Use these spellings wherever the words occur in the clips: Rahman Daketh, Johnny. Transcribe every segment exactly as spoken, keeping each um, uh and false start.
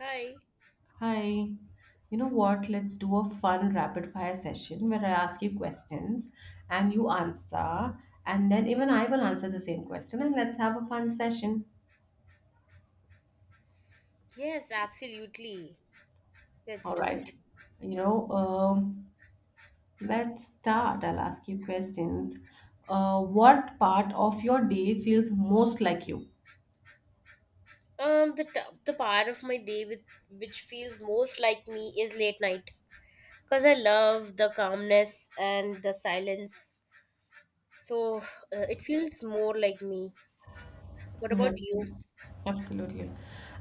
Hi. Hi. You know what? Let's do a fun rapid fire session where I ask you questions and you answer, and then even I will answer the same question, and let's have a fun session. Yes, absolutely. Let's All do it. right. You know, um, let's start. I'll ask you questions. Uh, what part of your day feels most like you? Um, the t- the part of my day with which feels most like me is late night, cause I love the calmness and the silence. So uh, it feels more like me. What about you? Absolutely. Absolutely.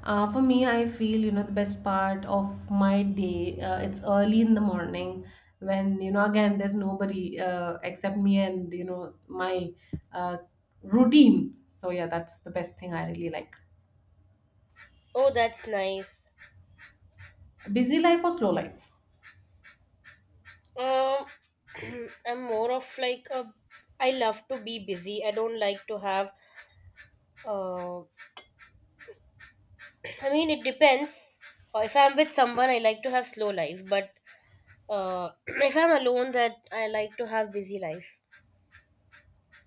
Uh, for me, I feel, you know, the best part of my day, uh, it's early in the morning when, you know, again, there's nobody uh, except me and, you know, my uh, routine. So, yeah, that's the best thing I really like. Oh, that's nice. Busy life or slow life? Um, I'm more of like a. I love to be busy. I don't like to have. Uh, I mean, it depends. Uh, If I'm with someone, I like to have slow life, but Uh, if I'm alone, that I like to have busy life.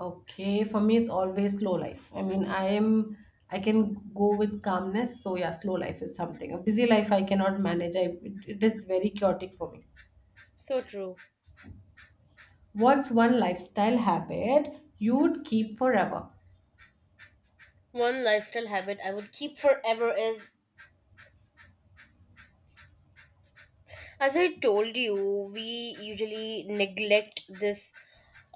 Okay, for me, it's always slow life. I mean, I am, I can go with calmness. So, yeah, slow life is something. A busy life, I cannot manage. I, it, it is very chaotic for me. So true. What's one lifestyle habit you'd keep forever? One lifestyle habit I would keep forever is, as I told you, we usually neglect this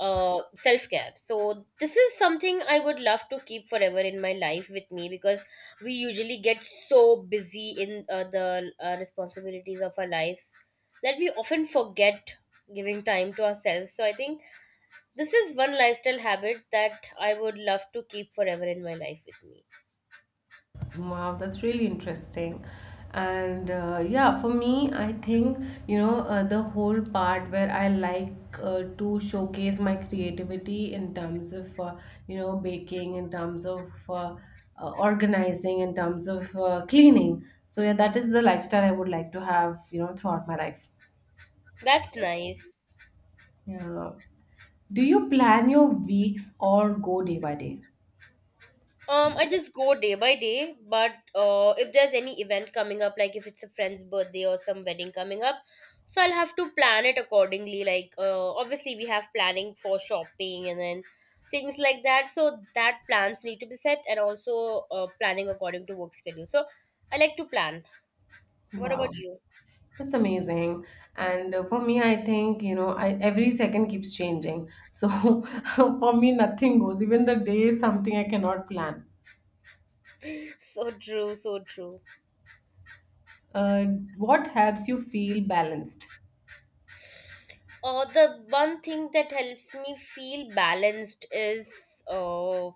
uh self care. So this is something I would love to keep forever in my life with me because we usually get so busy in uh, the uh, responsibilities of our lives that we often forget giving time to ourselves. So I think this is one lifestyle habit that I would love to keep forever in my life with me. Wow, that's really interesting. And uh, yeah, for me, I think, you know, uh, the whole part where I like uh, to showcase my creativity in terms of, uh, you know, baking, in terms of uh, uh, organizing, in terms of uh, cleaning. So yeah, that is the lifestyle I would like to have, you know, throughout my life. That's nice. Yeah. Do you plan your weeks or go day by day? Um, I just go day by day, but uh, if there's any event coming up, like if it's a friend's birthday or some wedding coming up, so I'll have to plan it accordingly. Like, uh, obviously, we have planning for shopping and then things like that. So that plans need to be set and also uh, planning according to work schedule. So I like to plan. What about Wow. you? That's amazing. And uh, for me, I think, you know, I, every second keeps changing. So for me, nothing goes. Even the day is something I cannot plan. So true, so true. Uh, what helps you feel balanced? Or the one thing that helps me feel balanced is, uh,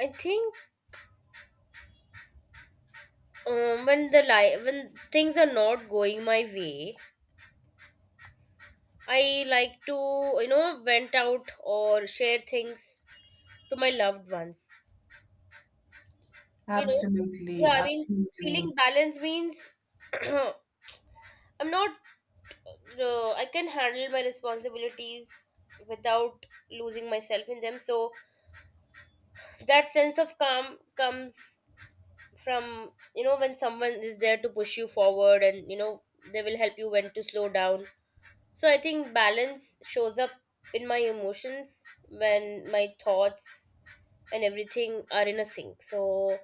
I think, um, when the li- when things are not going my way, I like to you know vent out or share things to my loved ones. You know, Absolutely, yeah. I mean, absolutely. feeling balanced means I'm not. Uh, I can handle my responsibilities without losing myself in them. So that sense of calm comes from you know when someone is there to push you forward, and you know they will help you when to slow down. So I think balance shows up in my emotions when my thoughts and everything are in a sync. So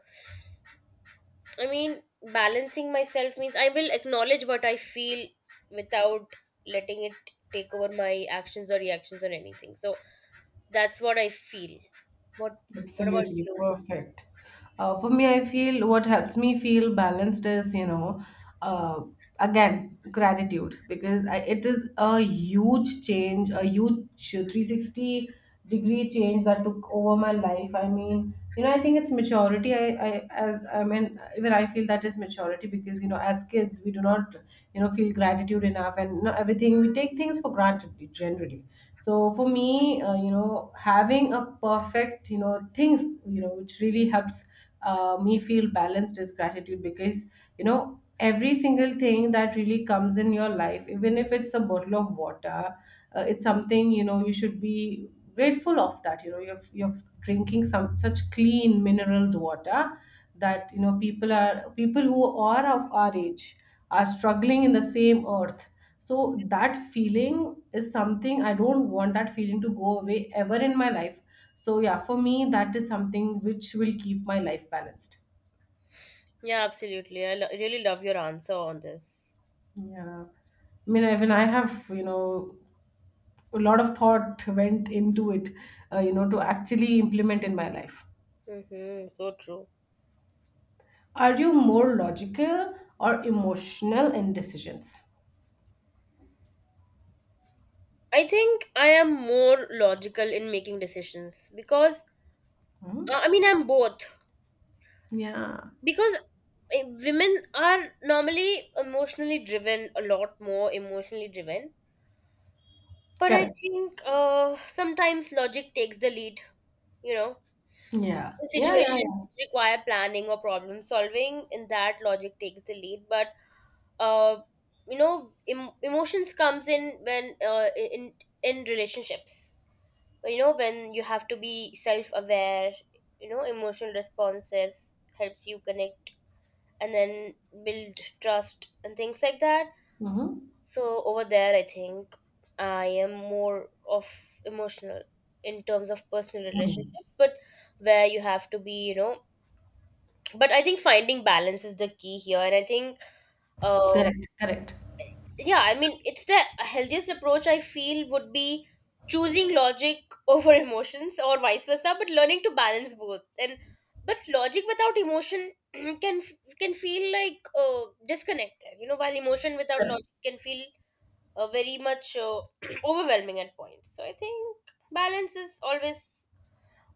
I mean balancing myself means I will acknowledge what I feel without letting it take over my actions or reactions or anything. So that's what I feel. what what about Absolutely you? perfect. Uh, for me, I feel what helps me feel balanced is, you know, uh, again, gratitude because I, it is a huge change, a huge three sixty degree change that took over my life. I mean, you know, I think it's maturity. I I As i mean, even I feel that is maturity because, you know, as kids, we do not, you know, feel gratitude enough, and, you know, everything, we take things for granted generally. So for me, uh, you know, having a perfect, you know, things, you know, which really helps uh, me feel balanced is gratitude, because, you know, every single thing that really comes in your life, even if it's a bottle of water, uh, it's something, you know, you should be grateful of, that, you know, you're, you're drinking some such clean mineral water, that, you know, people are people who are of our age are struggling in the same earth. So that feeling is something I don't want that feeling to go away ever in my life. So yeah, for me, that is something which will keep my life balanced. Yeah, absolutely. i lo- really love your answer on this. Yeah. I mean, even I have, you know, a lot of thought went into it, uh, you know, to actually implement in my life. Mm-hmm, so true. Are you more logical or emotional in decisions? I think I am more logical in making decisions because Hmm? uh, I mean I'm both Yeah, because uh, women are normally emotionally driven, a lot more emotionally driven, but I correct. think uh, sometimes logic takes the lead, you know, Yeah, in yeah, yeah, situations yeah. which require planning or problem solving. In that logic takes the lead, but uh, you know em- emotions comes in when uh, in in relationships, you know when you have to be self aware, you know emotional responses helps you connect and then build trust and things like that. Mm-hmm. So over there I think I am more of emotional in terms of personal Hmm. relationships, but where you have to be, you know, but I think finding balance is the key here. And I think uh Correct, correct, yeah, I mean it's the healthiest approach, I feel, would be choosing logic over emotions or vice versa, but learning to balance both. And but logic without emotion can can feel like uh, disconnected, you know, while emotion without correct. logic can feel uh, very much uh, overwhelming at points. So I think balance is always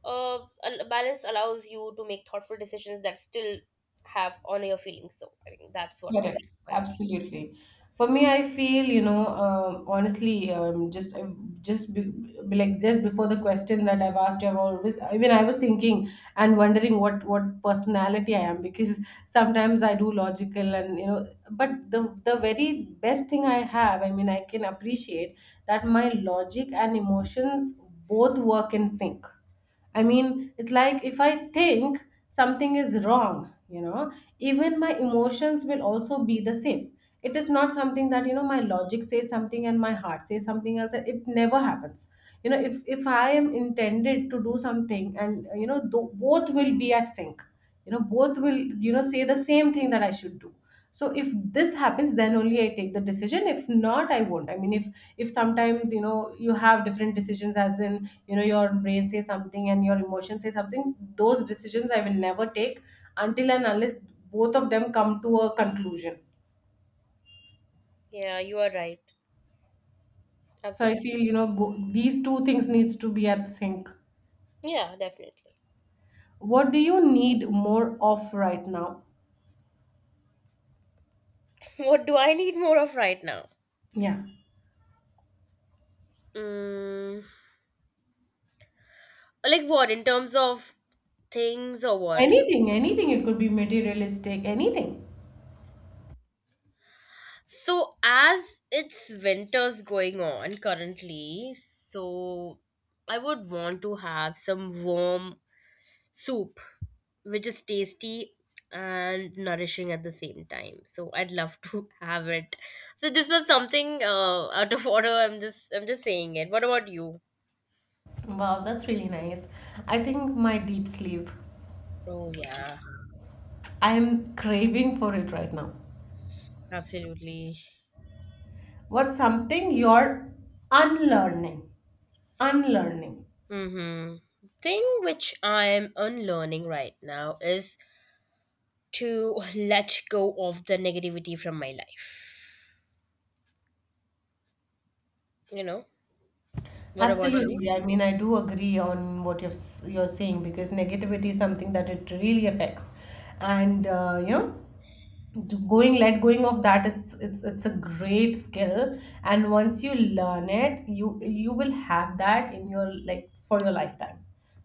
uh, al- balance allows you to make thoughtful decisions that still have honor your feelings. So I think that's what my Correct. take on it. Absolutely. For me, I feel, you know, um, honestly, um, just uh, just be, be like just before the question that I've asked you, I've always, I mean, I was thinking and wondering what what personality I am because sometimes I do logical, and, you know, but the the very best thing I have, I mean, I can appreciate that my logic and emotions both work in sync. I Mm. mean, it's like if I think something is wrong, you know, even my emotions will also be the same. It is not something that, you know, my logic says something and my heart says something else. It never happens. You know, if, if I am intended to do something and, you know, tho- both will be at sync, you know, both will, you know, say the same thing that I should do. So if this happens, then only I take the decision. If not, I won't. I mean, if if sometimes, you know, you have different decisions, as in, you know, your brain says something and your emotions say something, those decisions I will never take, until and unless both of them come to a conclusion. Yeah, you are right. So I Absolutely. feel, you know, bo- these two things needs to be at sync. Yeah, definitely. What do you need more of right now? What do I need more of right now? Yeah. Mm, like what in terms of things or what? Anything, anything, it could be materialistic, anything. So as it's winters going on currently, so I would want to have some warm soup which is tasty and nourishing at the same time. So I'd love to have it. So this was something uh, out of order. I'm just I'm just saying it. What about you? Wow, that's really nice. I think my deep sleep. Oh yeah. I am craving for it right now. Absolutely. What's something you're unlearning? Unlearning. Hmm. Thing which I'm unlearning right now is to let go of the negativity from my life. You know, what about you? Absolutely. I mean, I do agree on what you're s- you're saying, because negativity is something that it really affects, and uh, you know, going, let going of that, is it's it's a great skill, and once you learn it, you you will have that in your like for your lifetime.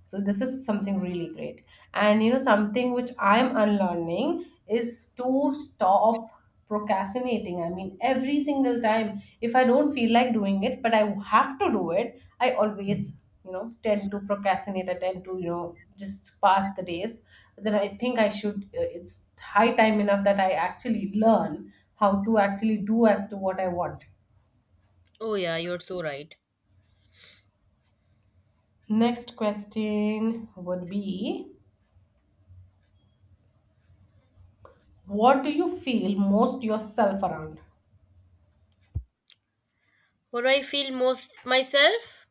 So this is something really great. And, you know, something which I'm unlearning is to stop procrastinating. I mean, every single time, if I don't feel like doing it, but I have to do it, I always, you know, tend to procrastinate. I tend to, you know, just pass the days. But then I think I should, uh, it's high time enough that I actually learn how to actually do as to what I want. Oh, yeah, you're so right. Next question would be, what do you feel most yourself around? What do I feel most myself?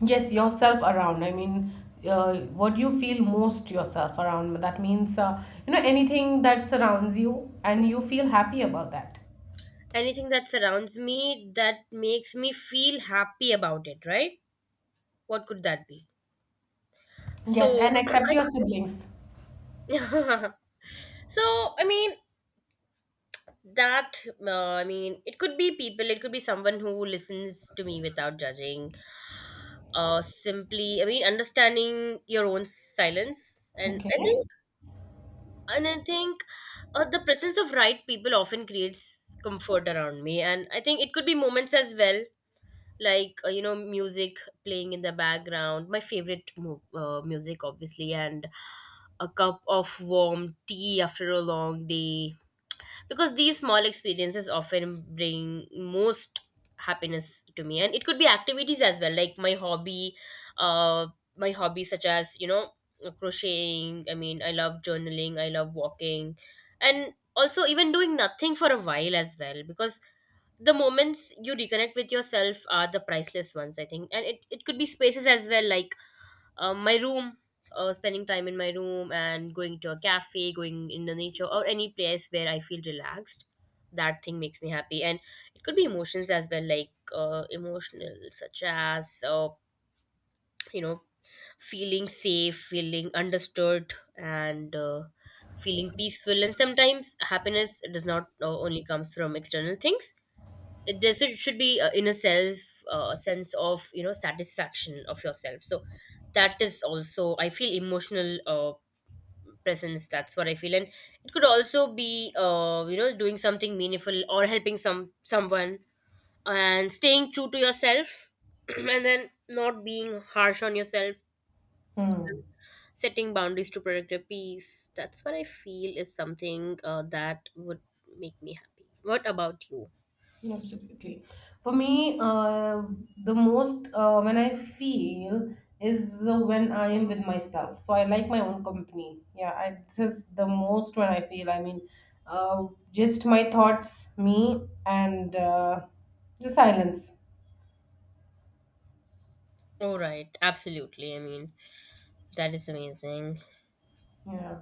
Yes, yourself around. I mean, uh, what you feel most yourself around. That means, uh, you know, anything that surrounds you and you feel happy about that. Anything that surrounds me that makes me feel happy about it, right? What could that be? Yes, and So, accept your siblings. I- so I mean that. Uh, I mean, it could be people. It could be someone who listens to me without judging. Uh, simply I mean understanding your own silence. And I Okay. think and i think uh, the presence of right people often creates comfort around me. And I think it could be moments as well, like uh, you know music playing in the background, my favorite mo- uh, music obviously, and a cup of warm tea after a long day, because these small experiences often bring most happiness to me. And it could be activities as well, like my hobby, uh my hobbies, such as you know crocheting. I mean I love journaling, I love walking, and also even doing nothing for a while as well, because the moments you reconnect with yourself are the priceless ones, I think. And it, it could be spaces as well, like um, my room, uh, spending time in my room and going to a cafe, going in the nature or any place where I feel relaxed. That thing makes me happy. And it could be emotions as well, like uh, emotional, such as uh, you know, feeling safe, feeling understood, and uh, feeling peaceful. And sometimes happiness does not uh, only comes from external things; there should should be uh, in a self uh, sense of you know satisfaction of yourself. So that is also I feel emotional uh, presence, that's what I feel. And it could also be uh, you know doing something meaningful or helping some someone and staying true to yourself, and then not being harsh on yourself, Hmm. setting boundaries to protect your peace. That's what I feel is something uh, that would make me happy. What about you? Absolutely. For me, uh, the most uh, when I feel is uh, when I am with myself. So I like my own company. Yeah, I, this is the most when I feel. I mean, uh, just my thoughts, me, and uh, the silence. All right, absolutely, I mean that is amazing. Yeah.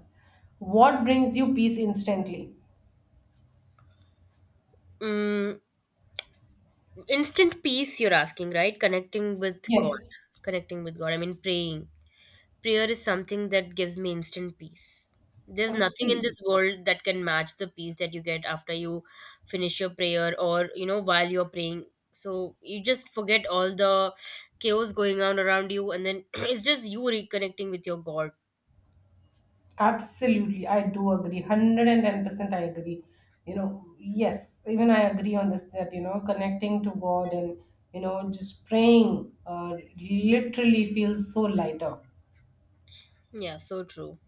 What brings you peace instantly? Mm, instant peace, you're asking, right? Connecting with God. Yes, Connecting with God. I mean, praying. Prayer is something that gives me instant peace. There's nothing in absolutely. this world that can match the peace that you get after you finish your prayer or, you know, while you're praying. So you just forget all the chaos going on around you, and then it's just you reconnecting with your God. Absolutely. I do agree. one hundred ten percent I agree. You know, yes, even I agree on this that, you know, connecting to God, and, you know, just praying uh, literally feels so lighter. Yeah, so true.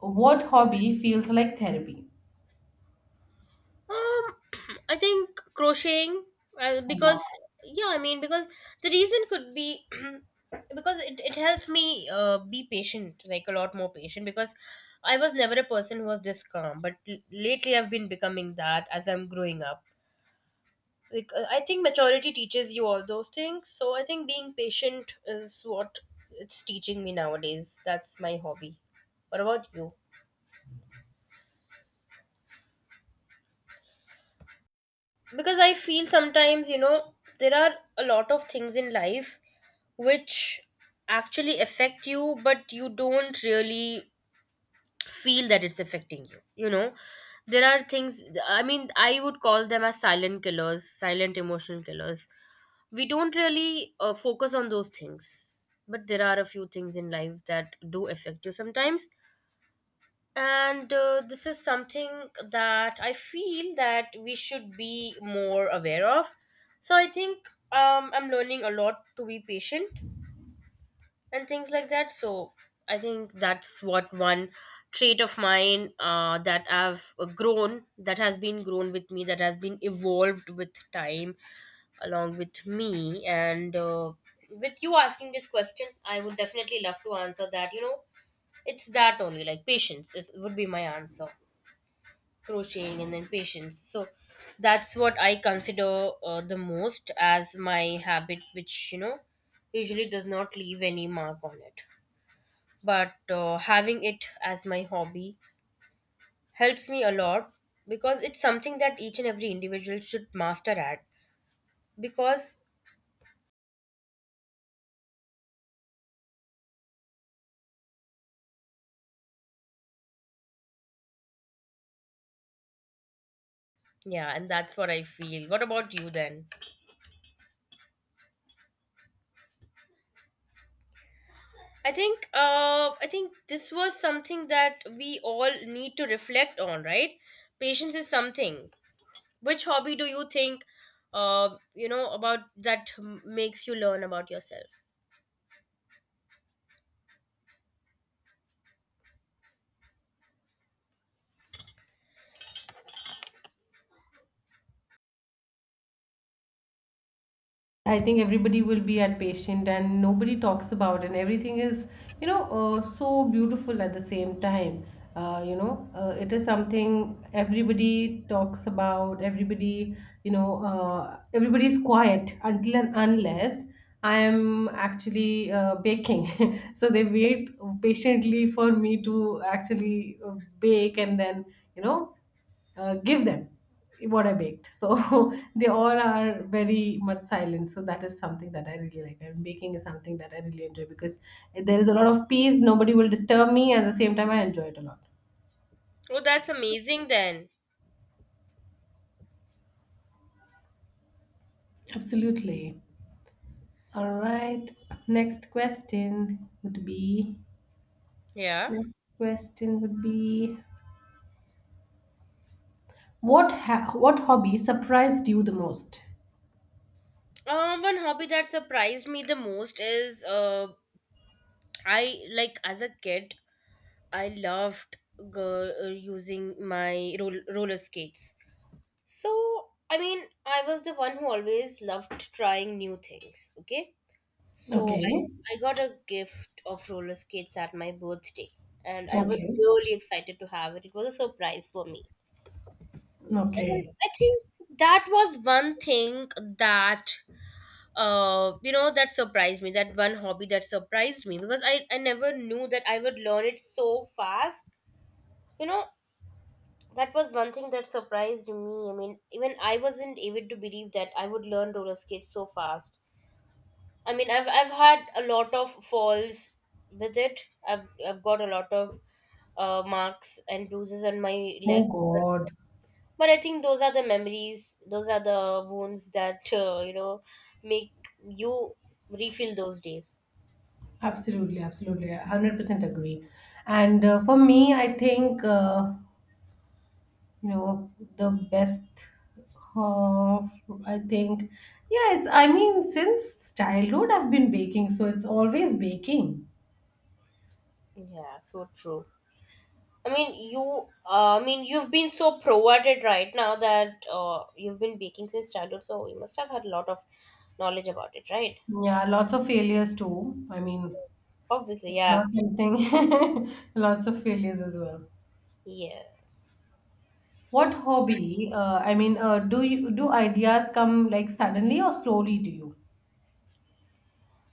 What hobby feels like therapy? Um, I think crocheting, uh, because yeah, I mean because the reason could be because it, it helps me uh, be patient, like a lot more patient, because I was never a person who was this calm, but l- lately I've been becoming that as I'm growing up. Like uh, I think maturity teaches you all those things, so I think being patient is what it's teaching me nowadays. That's my hobby. What about you? Because I feel sometimes you know there are a lot of things in life which actually affect you, but you don't really feel that it's affecting you. You know, there are things, I mean I would call them as silent killers, silent emotional killers. We don't really uh, focus on those things, but there are a few things in life that do affect you sometimes. And uh, this is something that I feel that we should be more aware of. So I think um, I'm learning a lot to be patient and things like that. So I think that's what one trait of mine, uh, that i've uh, grown, that has been grown with me, that has been evolved with time along with me. And uh, with you asking this question I would definitely love to answer that. You know, it's that only, like patience is would be my answer. Crocheting and then patience. So that's what I consider uh, the most as my habit, which you know usually does not leave any mark on it. But uh, having it as my hobby helps me a lot, because it's something that each and every individual should master at. Because yeah, and that's what I feel. What about you then? I think uh i think this was something that we all need to reflect on, right? Patience is something. Which hobby do you think, uh, you know, about that m- makes you learn about yourself? I think everybody will be at patient, and nobody talks about it, and everything is, you know, uh, so beautiful at the same time. Uh, you know, uh, it is something everybody talks about, everybody, you know, uh, everybody is quiet until and unless I am actually uh, baking. So they wait patiently for me to actually uh, bake, and then, you know, uh, give them what I baked. So they all are very much silent. So that is something that I really like. And baking is something that I really enjoy, because there is a lot of peace. Nobody will disturb me. At the same time, I enjoy it a lot. Oh, that's amazing then. Absolutely. All right. Next question would be. Yeah. Next question would be. What ha- what hobby surprised you the most? Um, one hobby that surprised me the most is, uh, I like as a kid, I loved girl, uh, using my roll- roller skates. So, I mean, I was the one who always loved trying new things, okay? So Okay. I, I got a gift of roller skates at my birthday, and I was Okay. really excited to have it. It was a surprise for me. And Okay. I think that was one thing that uh you know that surprised me, that one hobby that surprised me because I, I never knew that I would learn it so fast. You know, that was one thing that surprised me. I mean, even I wasn't able to believe that I would learn roller skates so fast. I mean, I've I've had a lot of falls with it. I've I've got a lot of uh, marks and bruises on my Oh legs, but, God. but I think those are the memories. Those are the wounds that uh, you know make you refill those days. Absolutely, absolutely. I one hundred percent agree. And uh, for me, I think, uh, you know, the best, uh, I think, yeah, it's, I mean, since childhood, I've been baking. So it's always baking. Yeah, so true. I mean, you. Uh, I mean, you've been so pro at it right now that uh, you've been baking since childhood, so you must have had a lot of knowledge about it, right? Yeah, lots of failures too. I mean, Obviously, it's yeah. not something, lots of failures as well. Yes. What hobby, uh, I mean, uh, do you, do ideas come like suddenly or slowly to you?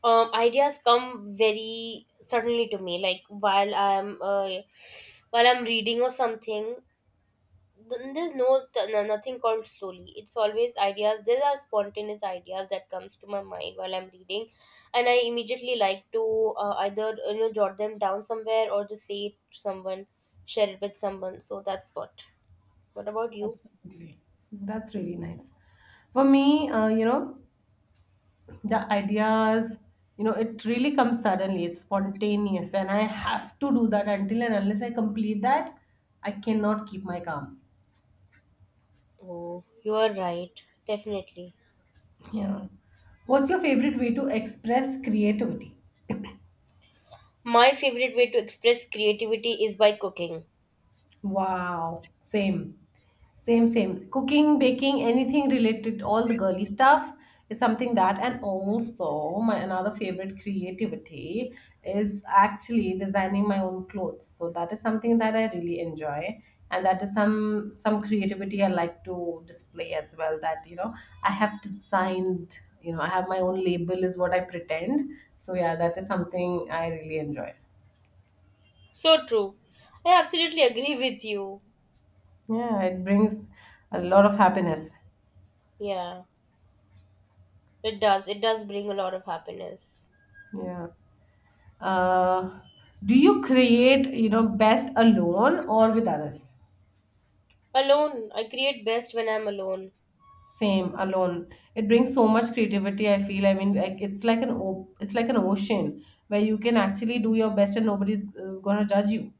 um Ideas come very suddenly to me, like while i'm uh, while I'm reading or something. Th- there's no, th- no Nothing called slowly. It's always ideas. There are spontaneous ideas that comes to my mind while I'm reading, and I immediately like to uh, either uh, you know jot them down somewhere or just say it to someone, share it with someone. So that's what what about you? Absolutely. That's really nice. For me, uh, you know, the ideas, you know, it really comes suddenly, it's spontaneous, and I have to do that until and unless I complete that, I cannot keep my calm. Oh, you are right, definitely. Yeah. What's your favorite way to express creativity? My favorite way to express creativity is by cooking. Wow, same. Same, same. Cooking, baking, anything related, all the girly stuff is something that. And also, my another favorite creativity is actually designing my own clothes. So that is something that I really enjoy, and that is some some creativity I like to display as well. That, you know, I have designed. You know, I have my own label is what I pretend. So yeah, that is something I really enjoy. So true. I absolutely agree with you. Yeah, it brings a lot of happiness. Yeah, it does. It does bring a lot of happiness. Yeah. Uh, do you create, you know, best alone or with others? Alone, I create best when I'm alone. Same, alone. It brings so much creativity, I feel. I mean, like it's like an o- it's like an ocean where you can actually do your best, and nobody's uh, gonna judge you.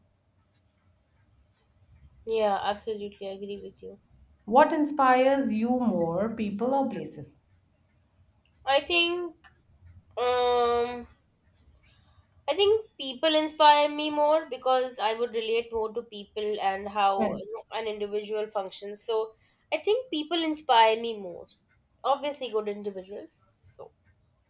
Yeah, absolutely agree with you. What inspires you more, people or places? I think um I think people inspire me more because I would relate more to people and how, Right. you know, an individual functions. So I think people inspire me most. Obviously good individuals. So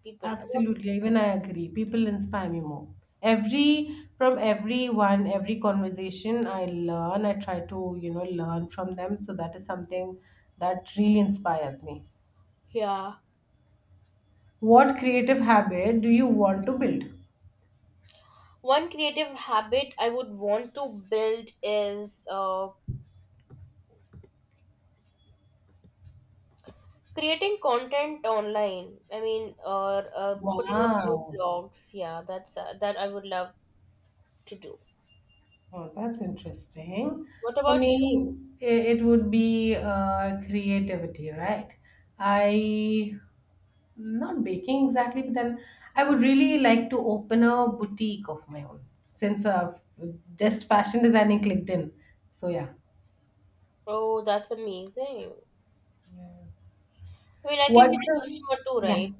people. Absolutely. Even I agree. People inspire me more. Every from everyone, every conversation I learn, I try to, you know, learn from them. So that is something that really inspires me. Yeah. What creative habit do you want to build? One creative habit I would want to build is uh, creating content online, I mean, or uh, putting up new Wow. blogs. Yeah, that's uh, that I would love to do. Oh, that's interesting. What For about you? me, it, it would be uh, creativity, right? I, not baking exactly, but then I would really like to open a boutique of my own, since uh, just fashion designing clicked in. So, yeah. Oh, that's amazing. I mean, I can What's be the the, customer too, yeah, right?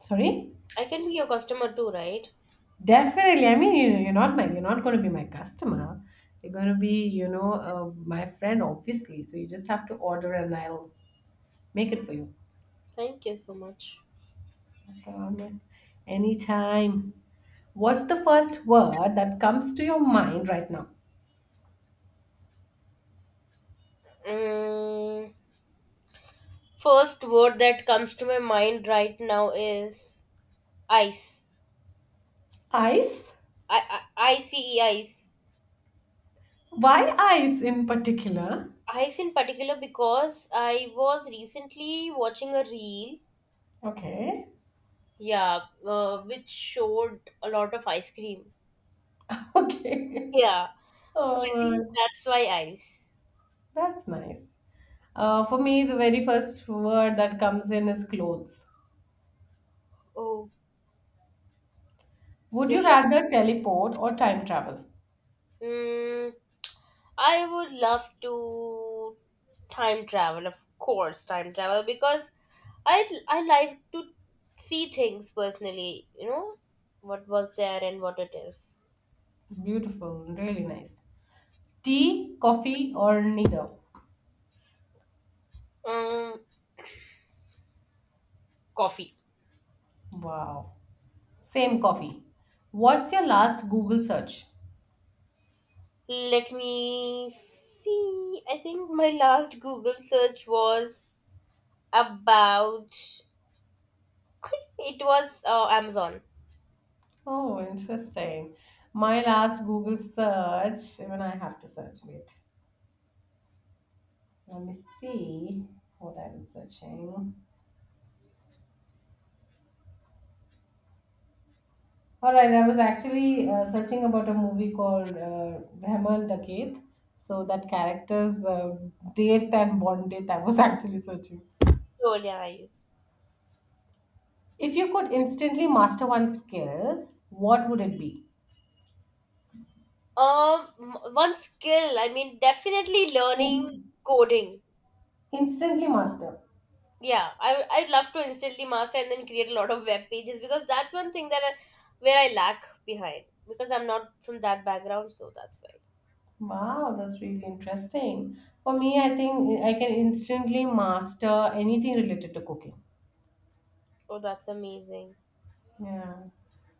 sorry? I can be your customer too, right? Definitely. I mean, you- you're not my, you're not going to be my customer. You're going to be, you know, uh, my friend, obviously. So you just have to order, and I'll make it for you. Thank you so much. No problem. Anytime. What's the first word that comes to your mind right now? Mm, first word that comes to my mind right now is ice. Ice? I I I C E ice. Why ice in particular? Ice in particular because I was recently watching a reel, Okay. yeah, uh, which showed a lot of ice cream. Okay. Yeah, so I All think right. that's why ice. That's nice. Uh, for me, the very first word that comes in is clothes. Oh. Would You you love? rather teleport or time travel? Mm, I would love to time travel, of course, time travel because I I like to see things personally. You know what was there and what it is. Beautiful, really nice. Tea, coffee, or neither? Um, Coffee. Wow. Same coffee. What's your last Google search? Let me see. I think my last Google search was about. It was uh, Amazon. Oh, interesting. My last Google search, even I have to search it. Let me see what I was searching. All right, I was actually uh, searching about a movie called uh, Rahman Daketh. So that character's uh, date and bond date I was actually searching. Oh yeah, I use. If you could instantly master one skill, what would it be? Um, m- one skill. I mean, definitely learning Inst- coding. Instantly master. Yeah, I I'd love to instantly master and then create a lot of web pages because that's one thing that I, where I lack behind because I'm not from that background. So that's why. Wow, that's really interesting. For me, I think I can instantly master anything related to cooking. Oh, that's amazing. Yeah.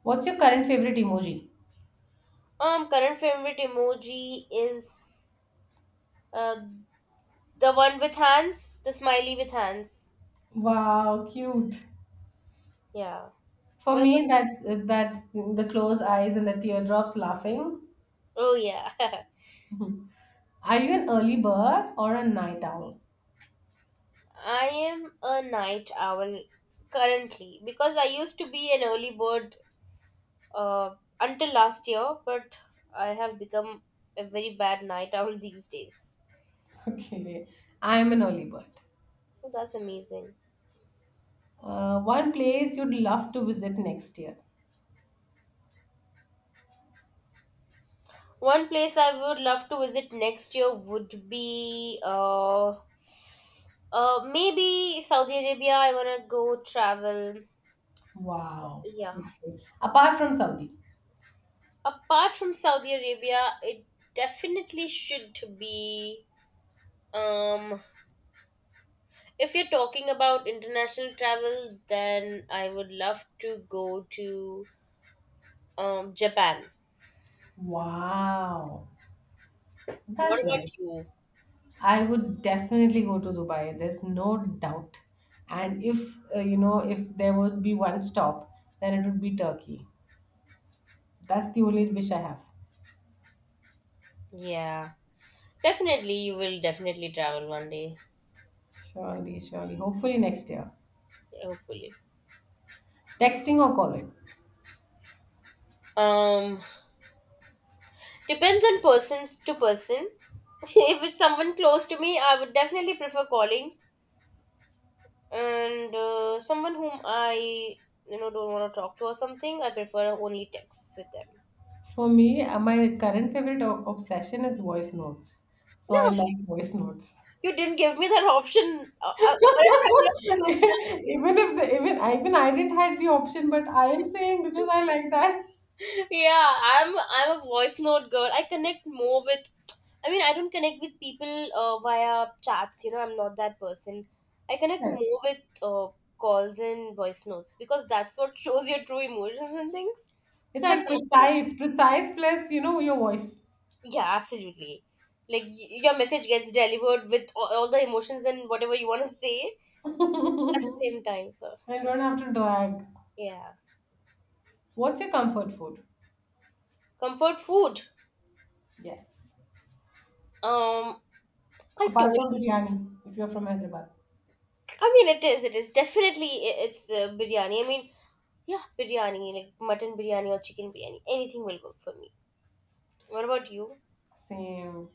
What's your current favorite emoji? Um, current favorite emoji is uh the one with hands, the smiley with hands. Wow, cute. Yeah. For What about? me, that's that's the closed eyes and the teardrops laughing. Oh yeah. Mhm. Are you an early bird or a night owl? I am a night owl currently because I used to be an early bird uh, until last year, but I have become a very bad night owl these days. Okay, I'm an early bird. Oh, that's amazing. Uh, one place you'd love to visit next year. One place I would love to visit next year would be uh, uh, maybe Saudi Arabia. I wanna go travel. Wow. Yeah. Beautiful. Apart from Saudi. Apart from Saudi Arabia, it definitely should be. Um, if you're talking about international travel, then I would love to go to um, Japan. Wow. What That's about nice. you? I would definitely go to Dubai. There's no doubt. And if, uh, You know, if there would be one stop, then it would be Turkey. That's the only wish I have. Yeah, definitely, you will definitely travel one day, Surely, surely. Hopefully next year. hopefully. Texting or calling? Um, Depends on persons to person. if it's someone close to me, I would definitely prefer calling. And uh, someone whom I, you know don't want to talk to or something, I prefer only texts with them. For me, uh, my current favorite o- obsession is voice notes. So I No, like voice notes. you didn't give me that option. Uh, uh, or else I would have choose Even if the, even I- even I didn't had the option, but I am saying because I like that. that. yeah, I'm I'm a voice note girl. I connect more with. I mean, I don't connect with people uh, via chats. You know, I'm not that person. I connect Correct. more with uh, calls and voice notes because that's what shows your true emotions and things. It's So I'm like that person. precise, precise plus you know your voice. Yeah, absolutely. Like y- your message gets delivered with all all the emotions and whatever you want to say I at the same time. So don't have to drag. yeah, What's your comfort food? comfort food. Yes, Um, I apart told. from biryani, if you're from Hyderabad, I mean, it is. It is definitely. i- It's uh, biryani. I mean, yeah, biryani, like mutton biryani or chicken biryani. Anything will work for me. What about you? same.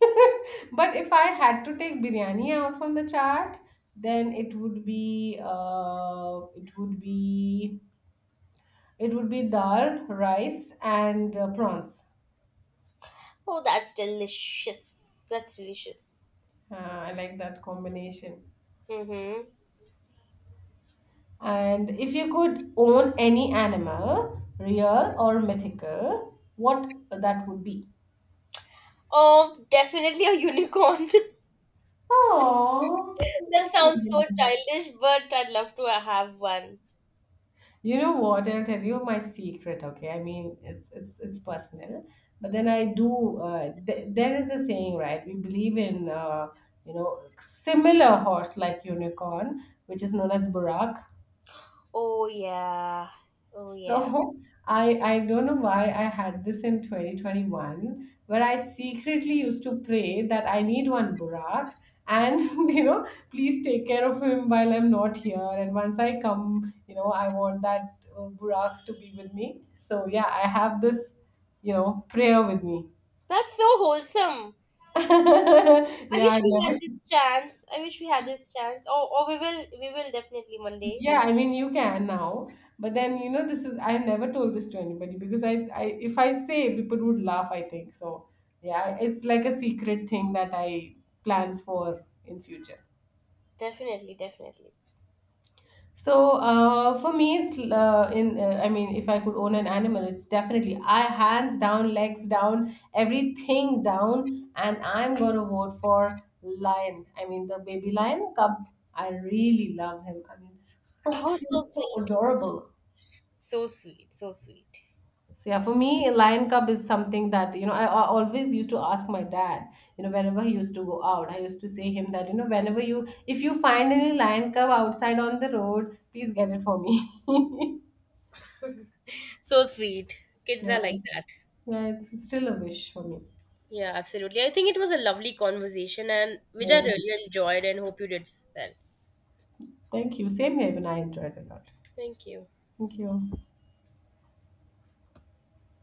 But if I had to take biryani out from the chart, then it would be uh, it would be it would be dal, rice, and uh, prawns. Oh, that's delicious. That's delicious. Uh, I like that combination. Mm-hmm. And if you could own any animal, real or mythical, what that would be? Oh, definitely a unicorn. Oh, that that's sounds so really nice. childish, but I'd love to have one. You know what? I'll tell you my secret. Okay, I mean it's it's it's personal, but then I do. Uh, th- there is a saying, right? We believe in uh, you know similar horse like unicorn, which is known as burak. Oh yeah. Oh yeah. So I I don't know why I had this in twenty twenty-one where I secretly used to pray that I need one Burak, and you know please take care of him while I'm not here, and once I come you know I want that uh, Burak to be with me. So yeah, I have this you know prayer with me. That's so wholesome. I Yeah, wish I've we had never. this chance. I wish we had this chance. Oh, oh, we will. We will definitely one day. Yeah, I mean you can now, but then you know this is I have never told this to anybody because I, I if I say people would laugh, I think. So yeah, it's like a secret thing that I plan for in future. Definitely, definitely. So uh, for me, it's uh, in uh, I mean if I could own an animal, it's definitely I hands down, legs down, everything down, and I'm gonna vote for lion. I mean the baby lion cub. I really love him. I mean so Oh, so cute, so sweet. adorable. So sweet. So sweet. So yeah, for me, lion cub is something that you know I, I always used to ask my dad. You know, whenever he used to go out, I used to say him that you know whenever you if you find any lion cub outside on the road, please get it for me. So sweet. Kids yeah, are like it's- that. yeah, it's still a wish for me. Yeah, absolutely. I think it was a lovely conversation, and which I Yeah. really enjoyed, and hope you did as well. Thank you. Same here, even I enjoyed a lot. Thank you. Thank you.